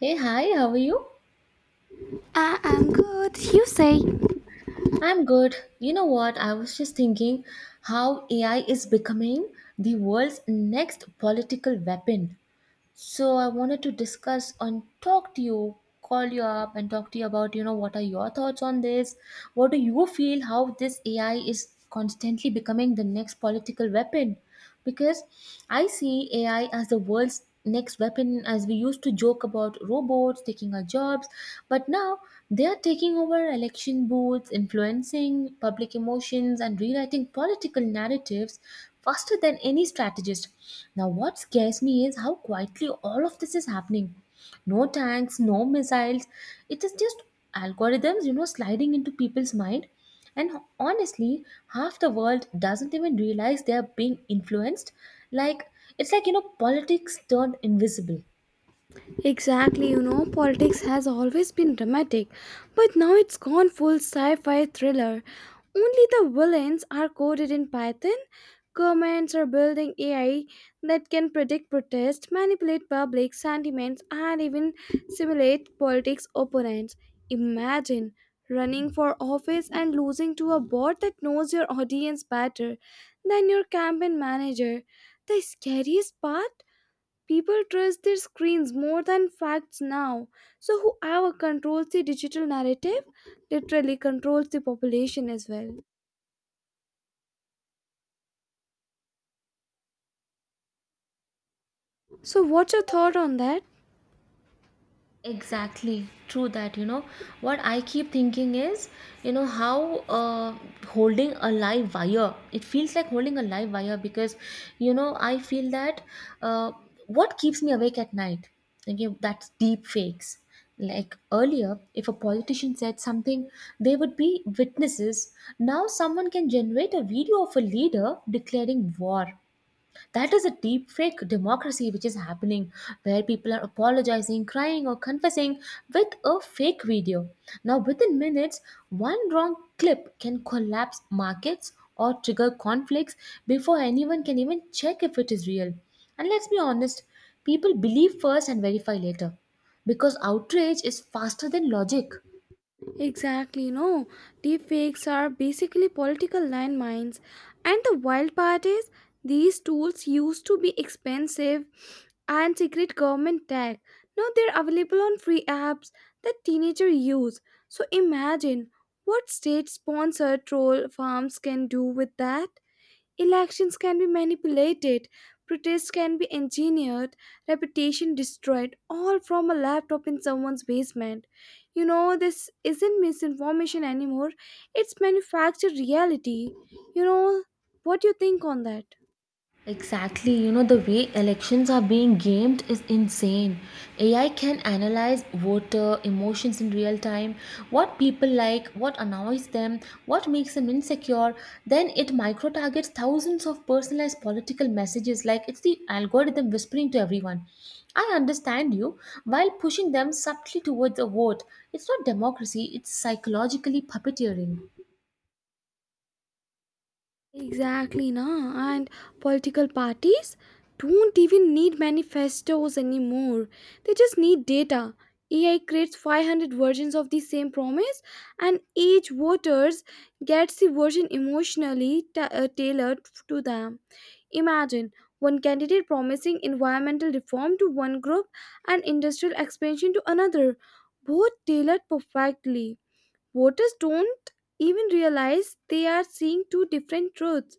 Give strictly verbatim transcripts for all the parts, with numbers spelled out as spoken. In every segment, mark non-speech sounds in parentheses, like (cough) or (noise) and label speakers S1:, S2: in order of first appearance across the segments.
S1: Hey, hi, how are you?
S2: I am good, you say.
S1: I'm good. You know what? I was just thinking how A I is becoming the world's next political weapon. So I wanted to discuss and talk to you, call you up and talk to you about, you know, what are your thoughts on this? What do you feel how this A I is constantly becoming the next political weapon? Because I see A I as the world's next weapon as we used to joke about robots taking our jobs. But now they are taking over election booths, influencing public emotions, and rewriting political narratives faster than any strategist. Now, what scares me is how quietly all of this is happening. No tanks, no missiles. It is just algorithms, you know, sliding into people's mind. And honestly, half the world doesn't even realize they are being influenced. Like, it's like, you know, politics turned invisible.
S2: Exactly, you know, politics has always been dramatic, but now it's gone full sci fi thriller. Only the villains are coded in Python. Governments are building A I that can predict protests, manipulate public sentiments, and even simulate politics opponents. Imagine running for office and losing to a bot that knows your audience better than your campaign manager. The scariest part? People trust their screens more than facts now. So, whoever controls the digital narrative literally controls the population as well. So, what's your thought on that?
S1: Exactly, true that. You know, what I keep thinking is, you know, how uh, holding a live wire, it feels like holding a live wire because, you know, I feel that uh, what keeps me awake at night, okay, that's deep fakes. Like earlier, if a politician said something, there would be witnesses. Now, someone can generate a video of a leader declaring war. That is a deep fake democracy which is happening, where people are apologizing, crying, or confessing with a fake video. Now, within minutes, one wrong clip can collapse markets or trigger conflicts before anyone can even check if it is real. And let's be honest, people believe first and verify later because outrage is faster than logic.
S2: Exactly, you know, deepfakes are basically political landmines. And the wild part is, these tools used to be expensive and secret government tech. Now they're available on free apps that teenagers use. So imagine what state sponsored troll farms can do with that. Elections can be manipulated, protests can be engineered, reputation destroyed, all from a laptop in someone's basement. You know, this isn't misinformation anymore, it's manufactured reality. You know, what do you think on that?
S1: Exactly, you know, the way elections are being gamed is insane. A I can analyze voter emotions in real time, what people like, what annoys them, what makes them insecure. Then it micro targets thousands of personalized political messages like it's the algorithm whispering to everyone. I understand you while pushing them subtly towards a vote. It's not democracy, it's psychologically puppeteering.
S2: Exactly, na. And political parties don't even need manifestos anymore. They just need data. A I creates five hundred versions of the same promise, and each voters gets the version emotionally ta- uh, tailored to them. Imagine one candidate promising environmental reform to one group and industrial expansion to another, both tailored perfectly. Voters don't even realize they are seeing two different truths.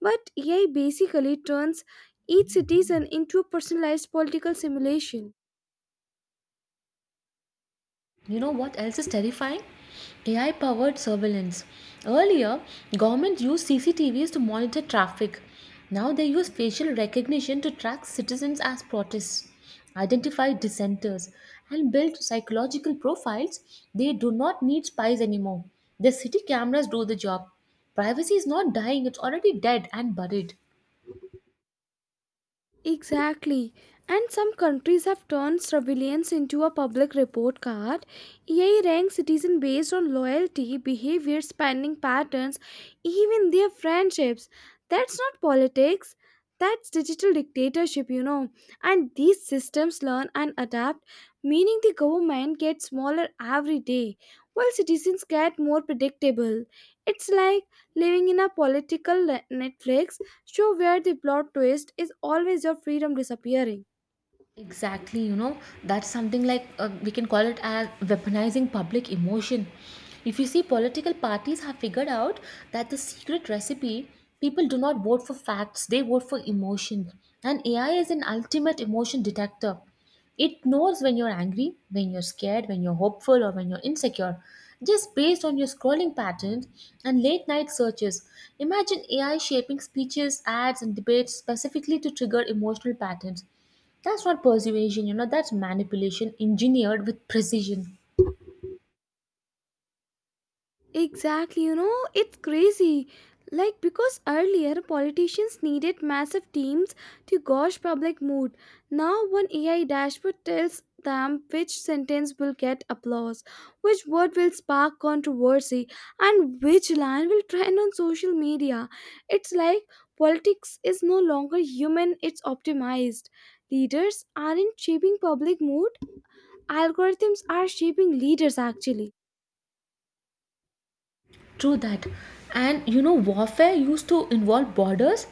S2: But A I basically turns each citizen into a personalized political simulation.
S1: You know what else is terrifying? A I powered surveillance. Earlier, governments used C C T Vs to monitor traffic. Now they use facial recognition to track citizens as protests, identify dissenters, and build psychological profiles. They do not need spies anymore. The city cameras do the job. Privacy is not dying, it's already dead and buried.
S2: Exactly. And some countries have turned surveillance into a public report card. A I ranks citizens based on loyalty, behavior, spending patterns, even their friendships. That's not politics. That's digital dictatorship, you know. And these systems learn and adapt, meaning the government gets smaller every day, while citizens get more predictable. It's like living in a political le- Netflix show where the plot twist is always your freedom disappearing.
S1: Exactly, you know, that's something like uh, we can call it as weaponizing public emotion. If you see, political parties have figured out that the secret recipe, people do not vote for facts, they vote for emotion. And A I is an ultimate emotion detector. It knows when you're angry, when you're scared, when you're hopeful, or when you're insecure, just based on your scrolling patterns and late night searches. Imagine A I shaping speeches, ads, and debates specifically to trigger emotional patterns. That's not persuasion, you know, that's manipulation engineered with precision.
S2: Exactly, you know, it's crazy. Like, because earlier politicians needed massive teams to gauge public mood. Now, one A I dashboard tells them which sentence will get applause, which word will spark controversy, and which line will trend on social media. It's like politics is no longer human, it's optimized. Leaders aren't shaping public mood, algorithms are shaping leaders actually.
S1: True that. And you know, warfare used to involve borders,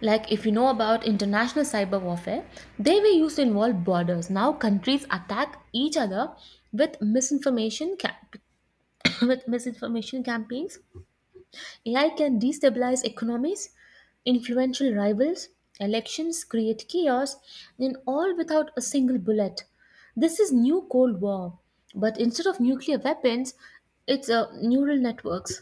S1: like if you know about international cyber warfare, they were used to involve borders. Now countries attack each other with misinformation camp- (coughs) with misinformation campaigns. AI can destabilize economies, influential rivals, elections, create chaos, and all without a single bullet. This is new cold war, but instead of nuclear weapons, it's uh, neural networks.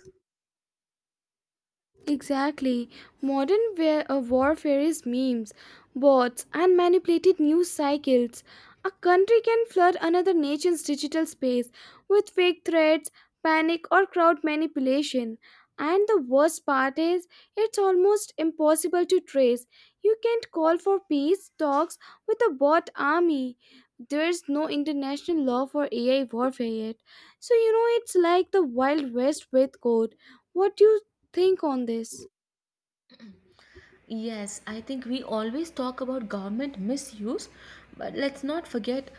S2: Exactly. Modern war- uh, warfare is memes, bots, and manipulated news cycles. A country can flood another nation's digital space with fake threats, panic, or crowd manipulation. And the worst part is, it's almost impossible to trace. You can't call for peace talks with a bot army. There's no international law for A I warfare yet. So, you know, it's like the Wild West with code. What you think on this?
S1: Yes, I think we always talk about government misuse, but let's not forget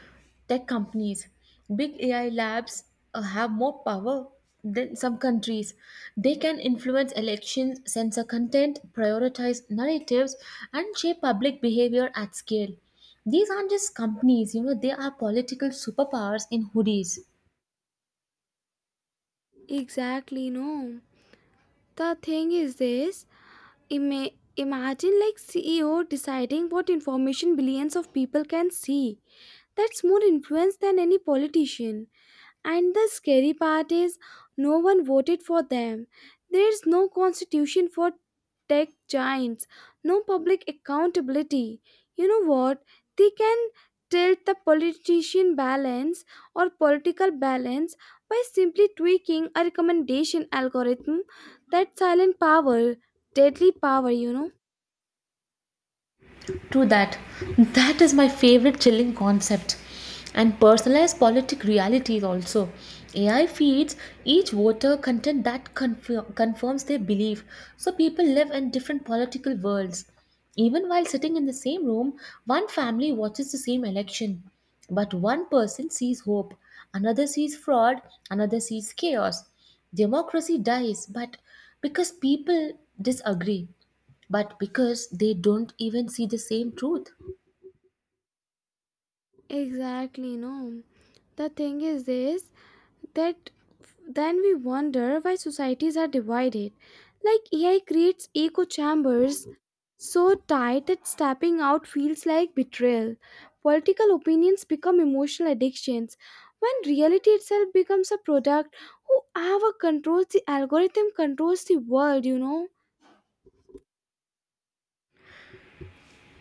S1: tech companies. Big A I labs uh, have more power than some countries. They can influence elections, censor content, prioritize narratives, and shape public behavior at scale. These aren't just companies, you know, they are political superpowers in hoodies.
S2: Exactly, no. The thing is this. ima- Imagine like CEO deciding what information billions of people can see. That's more influence than any politician. And the scary part is, no one voted for them. There is no constitution for tech giants, no public accountability. You know what? They can tilt the politician balance or political balance by simply tweaking a recommendation algorithm. That silent power, deadly power, you know.
S1: True that. That is my favorite chilling concept. And personalized politic realities also. A I feeds each voter content that confir- confirms their belief. So people live in different political worlds. Even while sitting in the same room, one family watches the same election. But one person sees hope, another sees fraud, another sees chaos. Democracy dies, but because people disagree, but because they don't even see the same truth.
S2: Exactly, no. The thing is this, that f- then we wonder why societies are divided. Like A I creates echo chambers so tight that stepping out feels like betrayal. Political opinions become emotional addictions when reality itself becomes a product. Whoever controls the algorithm controls the world, you know.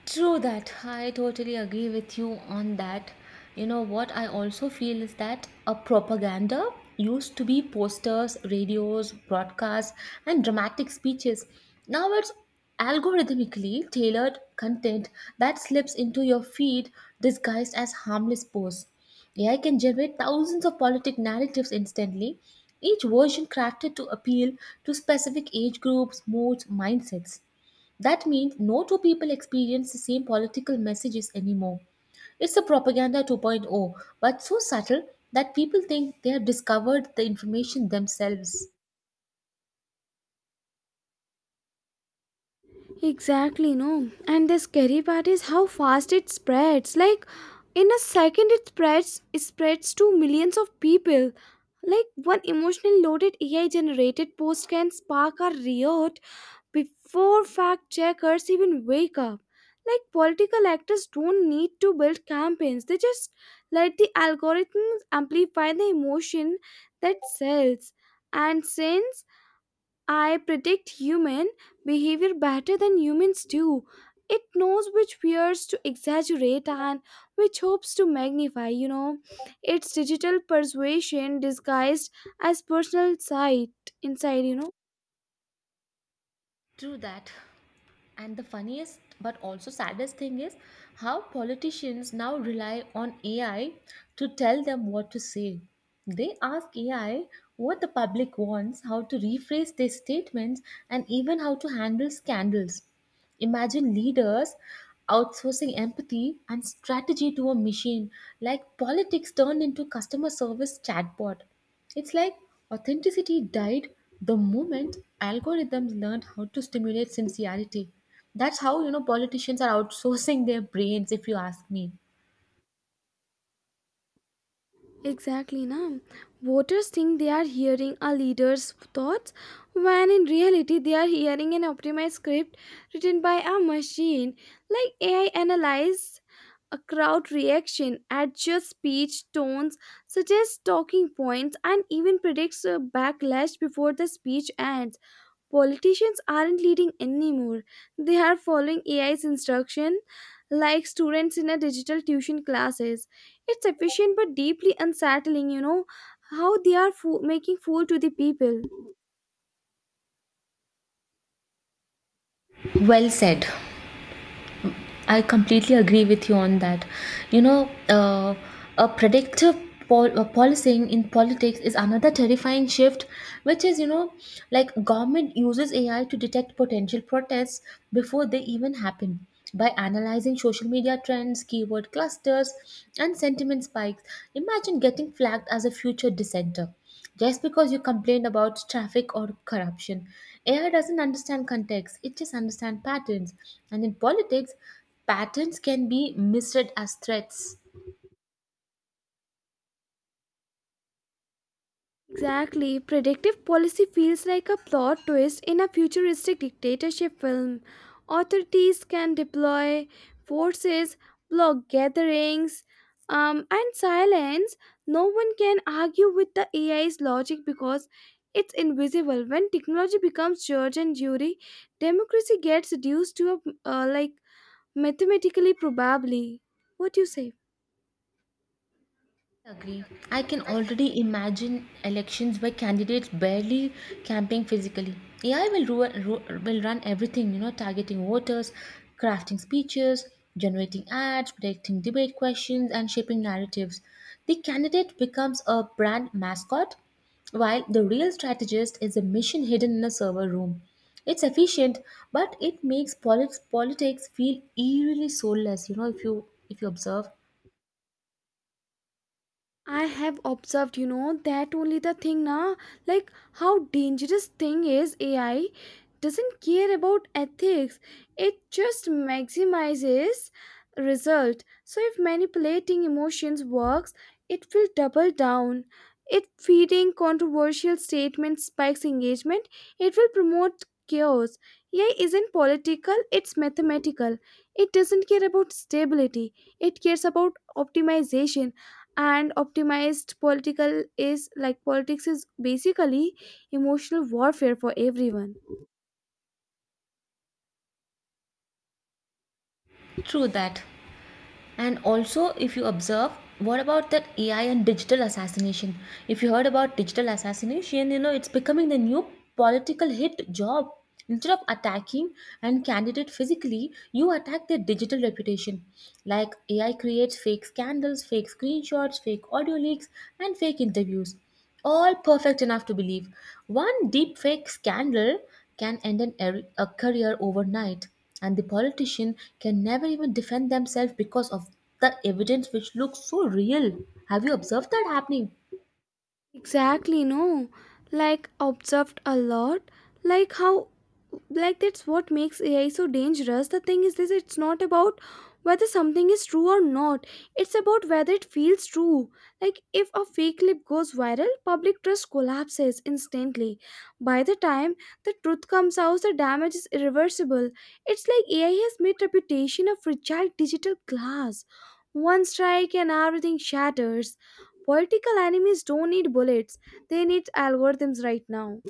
S1: True that. I totally agree with you on that. You know what I also feel is that a propaganda used to be posters, radios, broadcasts, and dramatic speeches. Now it's algorithmically tailored content that slips into your feed disguised as harmless posts. A I can generate thousands of politic narratives instantly, each version crafted to appeal to specific age groups, moods, mindsets. That means no two people experience the same political messages anymore. It's a propaganda 2.0, but so subtle that people think they have discovered the information themselves.
S2: Exactly, no. And the scary part is how fast it spreads. Like in a second it spreads it spreads to millions of people. Like one emotionally loaded A I generated post can spark a riot before fact checkers even wake up. Like political actors don't need to build campaigns. They just let the algorithms amplify the emotion that sells. And since I predict human behavior better than humans do. It knows which fears to exaggerate and which hopes to magnify, you know. It's digital persuasion disguised as personal sight inside, you know.
S1: True that. And the funniest but also saddest thing is how politicians now rely on A I to tell them what to say. They ask A I what the public wants, how to rephrase their statements, and even how to handle scandals. Imagine leaders outsourcing empathy and strategy to a machine, like politics turned into customer service chatbot. It's like authenticity died the moment algorithms learned how to stimulate sincerity. That's how you know politicians are outsourcing their brains, if you ask me.
S2: Exactly, na. Voters think they are hearing a leader's thoughts when in reality they are hearing an optimized script written by a machine. Like A I analyzes a crowd reaction, adjusts speech tones, suggests talking points, and even predicts a backlash before the speech ends. Politicians aren't leading anymore. They are following A I's instruction like students in a digital tuition classes. It's efficient but deeply unsettling, you know, how they are fo- making fool to the people.
S1: Well said. I completely agree with you on that. You know, uh, a predictive pol- uh, policing in politics is another terrifying shift, which is, you know, like government uses A I to detect potential protests before they even happen by analyzing social media trends, keyword clusters, and sentiment spikes. Imagine getting flagged as a future dissenter just because you complain about traffic or corruption. A I doesn't understand context, it just understands patterns. And in politics, patterns can be misread as threats.
S2: Exactly. Predictive policy feels like a plot twist in a futuristic dictatorship film. Authorities can deploy forces, block gatherings, um, and silence. No one can argue with the A I's logic because it's invisible. When technology becomes judge and jury, democracy gets reduced to a uh, like mathematically probably. What do you say?
S1: Agree. I can already imagine elections where candidates barely camping physically. A I will ruin, ru- will run everything, you know, targeting voters, crafting speeches, generating ads, predicting debate questions, and shaping narratives. The candidate becomes a brand mascot, while the real strategist is a mission hidden in a server room. It's efficient, but it makes polit- politics feel eerily soulless. You know, if you if you observe,
S2: I have observed, you know, that only the thing now, like how dangerous thing is A I doesn't care about ethics. It just maximizes result. So if manipulating emotions works, it will double down. It feeding controversial statements spikes engagement. It will promote chaos. A I isn't political, it's mathematical. It doesn't care about stability. It cares about optimization and optimized political is like politics is basically emotional warfare for everyone.
S1: true that. And also, if you observe, what about that A I and digital assassination? If you heard about digital assassination, you know, it's becoming the new political hit job. Instead of attacking and candidate physically, you attack their digital reputation. Like A I creates fake scandals, fake screenshots, fake audio leaks, and fake interviews, all perfect enough to believe. One deepfake scandal can end an er- a career overnight, and the politician can never even defend themselves because of the evidence which looks so real. Have you observed that happening?
S2: Exactly, no. Like observed a lot. Like how like that's what makes A I so dangerous. The thing is this, it's not about whether something is true or not. It's about whether it feels true. Like if a fake clip goes viral, public trust collapses instantly. By the time the truth comes out, the damage is irreversible. It's like A I has made reputation a fragile digital glass. One strike and everything shatters. Political enemies don't need bullets, they need algorithms right now.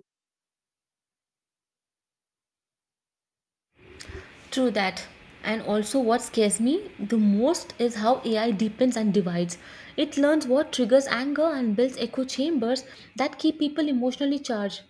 S1: True that. And also, what scares me the most is how A I deepens and divides. It learns what triggers anger and builds echo chambers that keep people emotionally charged.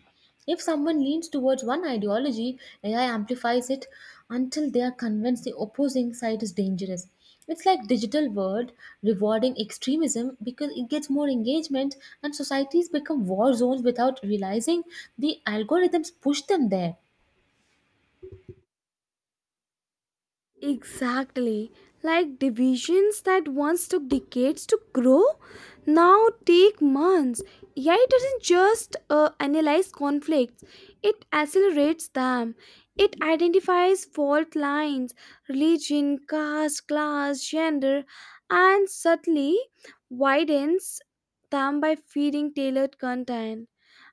S1: If someone leans towards one ideology, A I amplifies it until they are convinced the opposing side is dangerous. It's like digital world rewarding extremism because it gets more engagement, and societies become war zones without realizing the algorithms push them there.
S2: Exactly. Like divisions that once took decades to grow now take months. A I doesn't just uh, analyze conflicts, it accelerates them. It identifies fault lines, religion, caste, class, gender, and subtly widens them by feeding tailored content.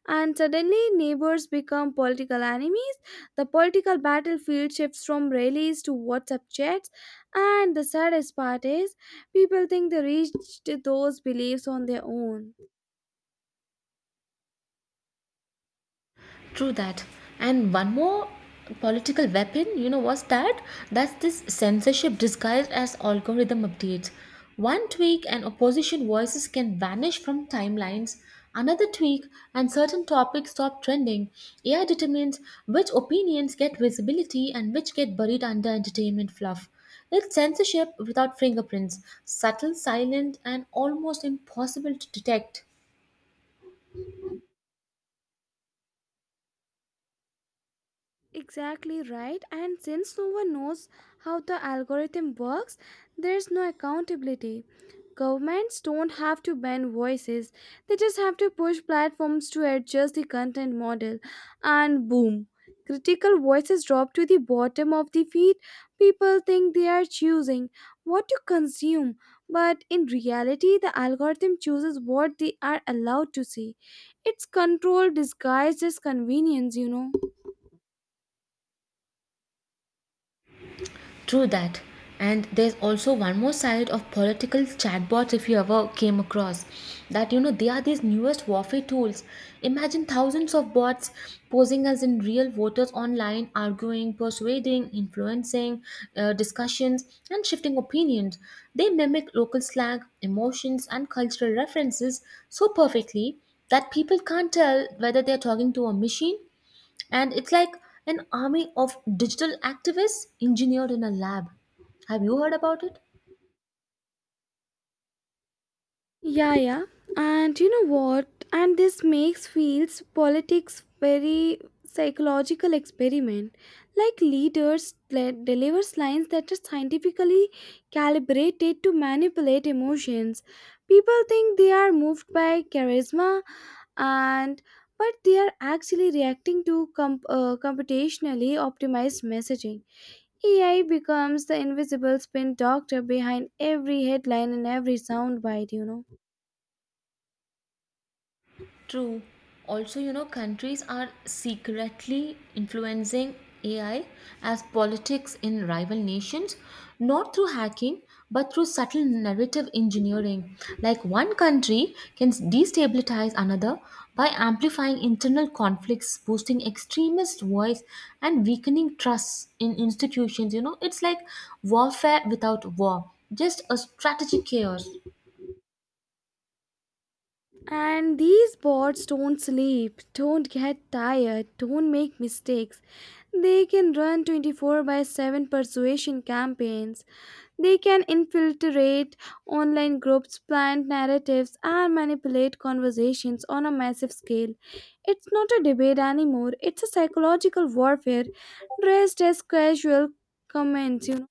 S2: And suddenly neighbors become political enemies. The political battlefield shifts from rallies to WhatsApp chats, and the saddest part is people think they reached those beliefs on their own.
S1: True that. And one more political weapon, you know, was that? That's this censorship disguised as algorithm updates. One tweak and opposition voices can vanish from timelines. Another tweak and certain topics stop trending. A I determines which opinions get visibility and which get buried under entertainment fluff. It's censorship without fingerprints, subtle, silent, and almost impossible to detect.
S2: Exactly right. And since no one knows how the algorithm works, there's no accountability. Governments don't have to ban voices, they just have to push platforms to adjust the content model. And boom, critical voices drop to the bottom of the feed. People think they are choosing what to consume, but in reality, the algorithm chooses what they are allowed to see. It's control disguised as convenience, you know.
S1: True that. And there's also one more side of political chatbots. If you ever came across that, you know, they are these newest warfare tools. Imagine thousands of bots posing as in real voters online, arguing, persuading, influencing uh, discussions, and shifting opinions. They mimic local slang, emotions, and cultural references so perfectly that people can't tell whether they're talking to a machine, and it's like an army of digital activists engineered in a lab. Have you heard about it?
S2: Yeah, yeah. And you know what? And this makes fields politics very psychological experiment. Like leaders le- delivers lines that are scientifically calibrated to manipulate emotions. People think they are moved by charisma and but they are actually reacting to comp- uh, computationally optimized messaging. A I becomes the invisible spin doctor behind every headline and every soundbite, you know.
S1: True. Also, you know, countries are secretly influencing A I as politics in rival nations, not through hacking, but through subtle narrative engineering. Like one country can destabilize another by amplifying internal conflicts, boosting extremist voice, and weakening trust in institutions. You know, it's like warfare without war, just a strategic chaos.
S2: And these bots don't sleep, don't get tired, don't make mistakes. They can run twenty-four by seven persuasion campaigns. They can infiltrate online groups, plant narratives, and manipulate conversations on a massive scale. It's not a debate anymore, it's a psychological warfare dressed as casual comments, you know.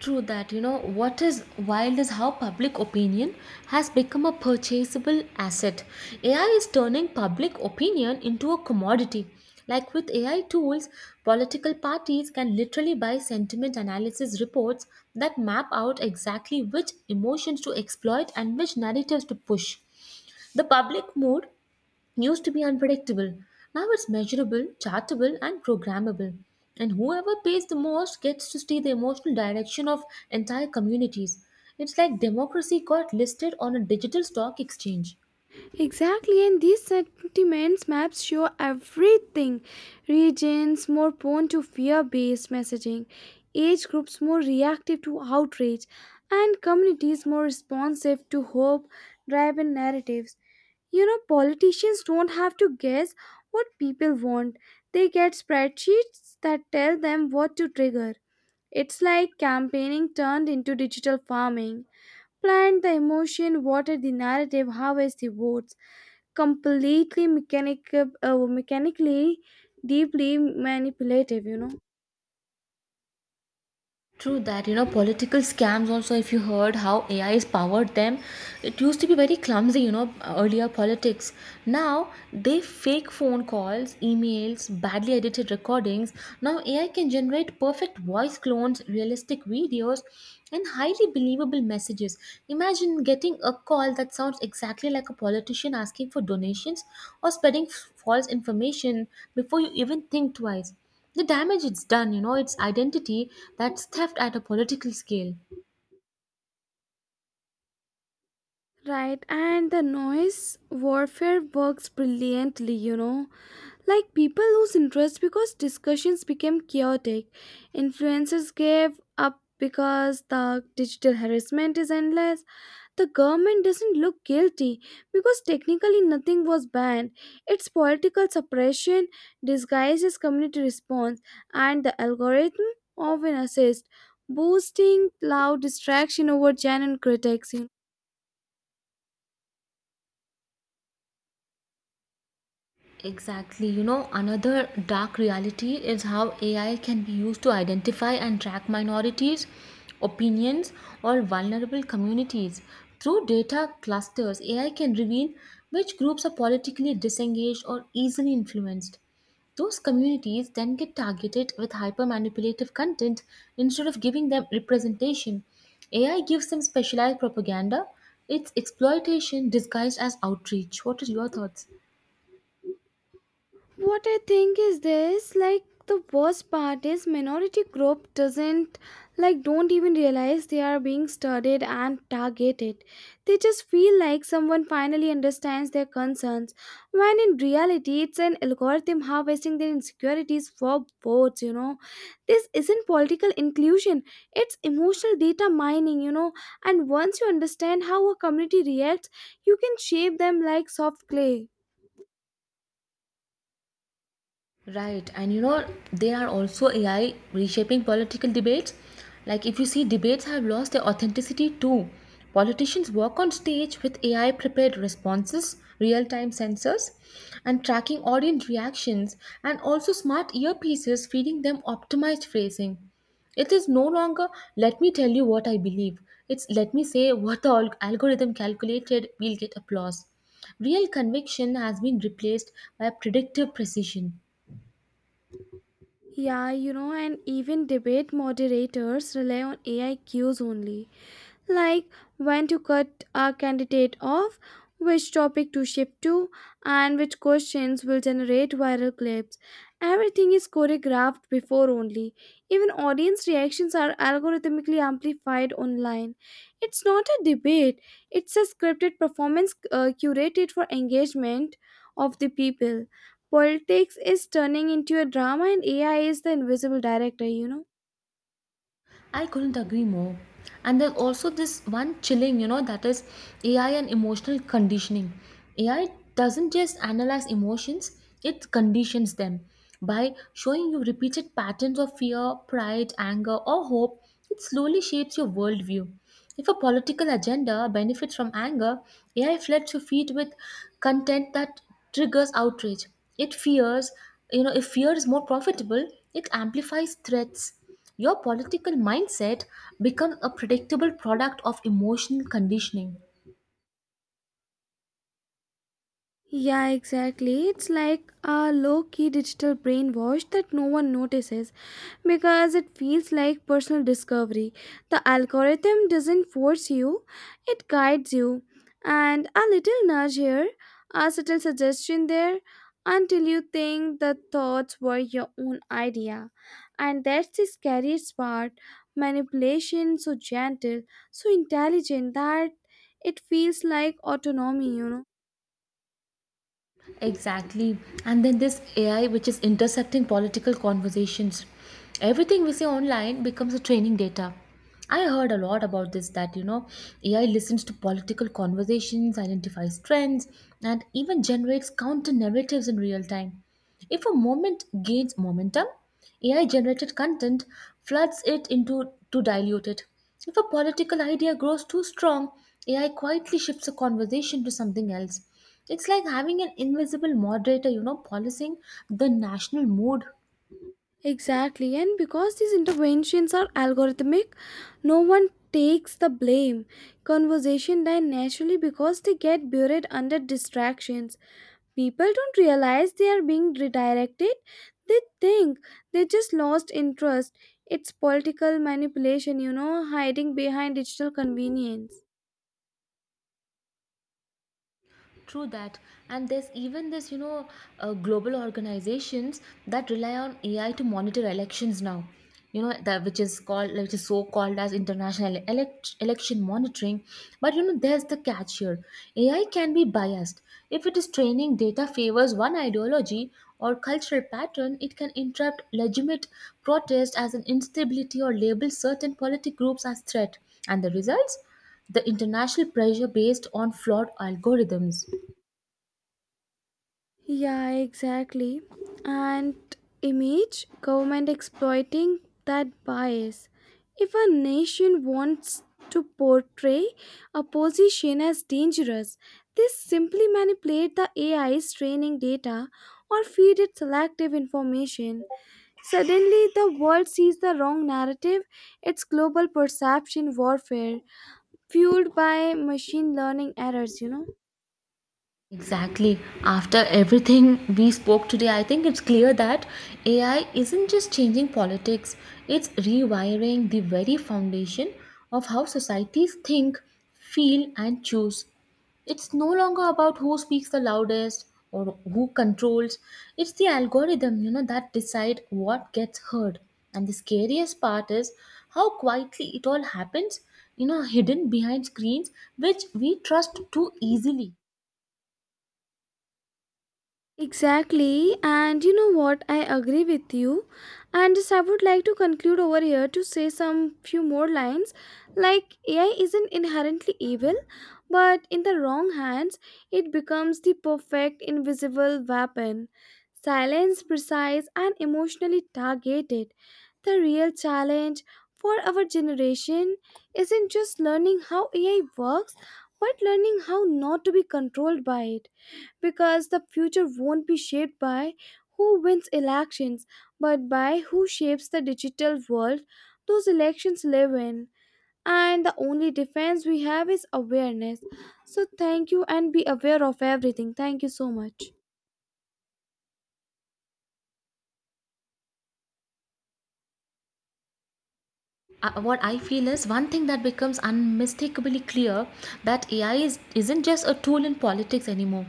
S1: True that, you know, what is wild is how public opinion has become a purchasable asset. A I is turning public opinion into a commodity. Like with A I tools, political parties can literally buy sentiment analysis reports that map out exactly which emotions to exploit and which narratives to push. The public mood used to be unpredictable. Now it's measurable, chartable, and programmable. And whoever pays the most gets to steer the emotional direction of entire communities. It's like democracy got listed on a digital stock exchange.
S2: Exactly, and these sentiments maps show everything. Regions more prone to fear based messaging, age groups more reactive to outrage, and communities more responsive to hope driven narratives. You know, politicians don't have to guess what people want, they get spreadsheets that tell them what to trigger. It's like campaigning turned into digital farming. Plant the emotion, water the narrative, harvest the votes completely mechanic uh, mechanically, deeply manipulative, you know.
S1: True that, you know, political scams also, if you heard how A I has powered them, it used to be very clumsy, you know, earlier politics. Now, they fake phone calls, emails, badly edited recordings. Now, A I can generate perfect voice clones, realistic videos, and highly believable messages. Imagine getting a call that sounds exactly like a politician asking for donations or spreading f- false information before you even think twice, the damage it's done, you know, its identity, that's theft at a political scale.
S2: Right, and the noise warfare works brilliantly, you know. Like people lose interest because discussions became chaotic, influencers gave up because the digital harassment is endless. The government doesn't look guilty because technically nothing was banned. It's political suppression disguised as community response, and the algorithm often assists, boosting loud distraction over genuine critics.
S1: Exactly. You know, another dark reality is how A I can be used to identify and track minorities, opinions, or vulnerable communities. Through data clusters, A I can reveal which groups are politically disengaged or easily influenced. Those communities then get targeted with hyper manipulative content instead of giving them representation. A I gives them specialized propaganda, it's exploitation disguised as outreach. What are your thoughts?
S2: What I think is this, like the worst part is minority group doesn't like don't even realize they are being studied and targeted. They just feel like someone finally understands their concerns when in reality it's an algorithm harvesting their insecurities for votes, you know. This isn't political inclusion, it's emotional data mining, you know, and once you understand how a community reacts, you can shape them like soft clay.
S1: Right, and you know, they are also A I reshaping political debates. Like, if you see, debates have lost their authenticity too. Politicians walk on stage with A I prepared responses, real time sensors, and tracking audience reactions, and also smart earpieces feeding them optimized phrasing. It is no longer, let me tell you what I believe. It's, let me say what the alg- algorithm calculated, we'll get applause. Real conviction has been replaced by predictive precision.
S2: Yeah, you know, and even debate moderators rely on A I cues only like when to cut a candidate off, which topic to shift to, and which questions will generate viral clips. Everything is choreographed before only. Even audience reactions are algorithmically amplified online. It's not a debate, it's a scripted performance uh, curated for engagement of the people. Politics is turning into a drama, and A I is the invisible director, you know.
S1: I couldn't agree more. And then also this one chilling, you know, that is A I and emotional conditioning. A I doesn't just analyze emotions, it conditions them. By showing you repeated patterns of fear, pride, anger, or hope, it slowly shapes your worldview. If a political agenda benefits from anger, A I floods your feed with content that triggers outrage. It fears, you know, if fear is more profitable, it amplifies threats, your political mindset becomes a predictable product of emotional conditioning.
S2: Yeah, exactly. It's like a low key digital brainwash that no one notices because it feels like personal discovery. The algorithm doesn't force you, it guides you. And a little nudge here, a subtle suggestion there, until you think the thoughts were your own idea. And that's the scariest part, manipulation so gentle, so intelligent that it feels like autonomy, you know.
S1: Exactly. And then this A I, which is intercepting political conversations. Everything we see online becomes a training data. I heard a lot about this that, you know, A I listens to political conversations, identifies trends, and even generates counter narratives in real time. If a moment gains momentum, A I generated content floods it into to dilute it. If a political idea grows too strong, A I quietly shifts a conversation to something else. It's like having an invisible moderator, you know, policing the national mood.
S2: Exactly, and because these interventions are algorithmic, no one takes the blame. Conversation die naturally because they get buried under distractions. People don't realize they are being redirected, they think they just lost interest. It's political manipulation, you know, hiding behind digital convenience.
S1: True that, and there's even this, you know, uh, global organizations that rely on A I to monitor elections now. You know that which is called, which is so called as international elect- election monitoring. But you know, there's the catch here: A I can be biased. If it is training data favors one ideology or cultural pattern, it can interrupt legitimate protest as an instability or label certain politic groups as threat. And the results? The international pressure based on flawed algorithms.
S2: Yeah, exactly. And image government exploiting that bias. If a nation wants to portray a position as dangerous, they simply manipulate the A I's training data or feed it selective information. Suddenly, the world sees the wrong narrative. It's global perception warfare fueled by machine learning errors, you know.
S1: Exactly. After everything we spoke today, I think it's clear that A I isn't just changing politics, it's rewiring the very foundation of how societies think, feel, and choose. It's no longer about who speaks the loudest or who controls. It's the algorithm, you know, that decide what gets heard. And the scariest part is how quietly it all happens, you know, hidden behind screens which we trust too easily.
S2: Exactly, and you know what? I agree with you. And just I would like to conclude over here to say some few more lines. Like, A I isn't inherently evil, but in the wrong hands, it becomes the perfect invisible weapon. Silence, precise, and emotionally targeted. The real challenge for our generation isn't just learning how A I works, but learning how not to be controlled by it, because the future won't be shaped by who wins elections but by who shapes the digital world those elections live in. And the only defense we have is awareness. So thank you and be aware of everything. Thank you so much.
S1: Uh, what I feel is one thing that becomes unmistakably clear, that ai is, isn't just a tool in politics anymore.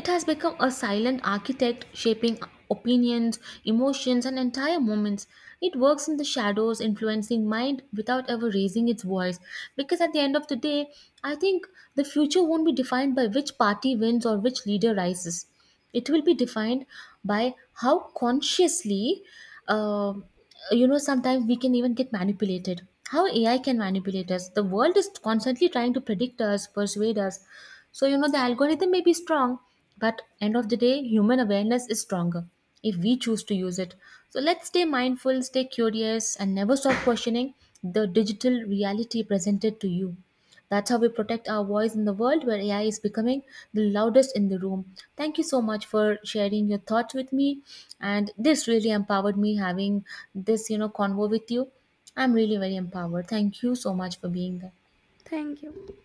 S1: It has become a silent architect shaping opinions, emotions, and entire moments. It works in the shadows, influencing mind without ever raising its voice. Because at the end of the day, I think the future won't be defined by which party wins or which leader rises. It will be defined by how consciously, uh, you know, sometimes we can even get manipulated, how A I can manipulate us. The world is constantly trying to predict us, persuade us. So you know, the algorithm may be strong, but end of the day, human awareness is stronger if we choose to use it. So let's stay mindful, stay curious, and never stop questioning the digital reality presented to you. That's how we protect our voice in the world where A I is becoming the loudest in the room. Thank you so much for sharing your thoughts with me. And this really empowered me having this, you know, convo with you. I'm really very empowered. Thank you so much for being there.
S2: Thank you.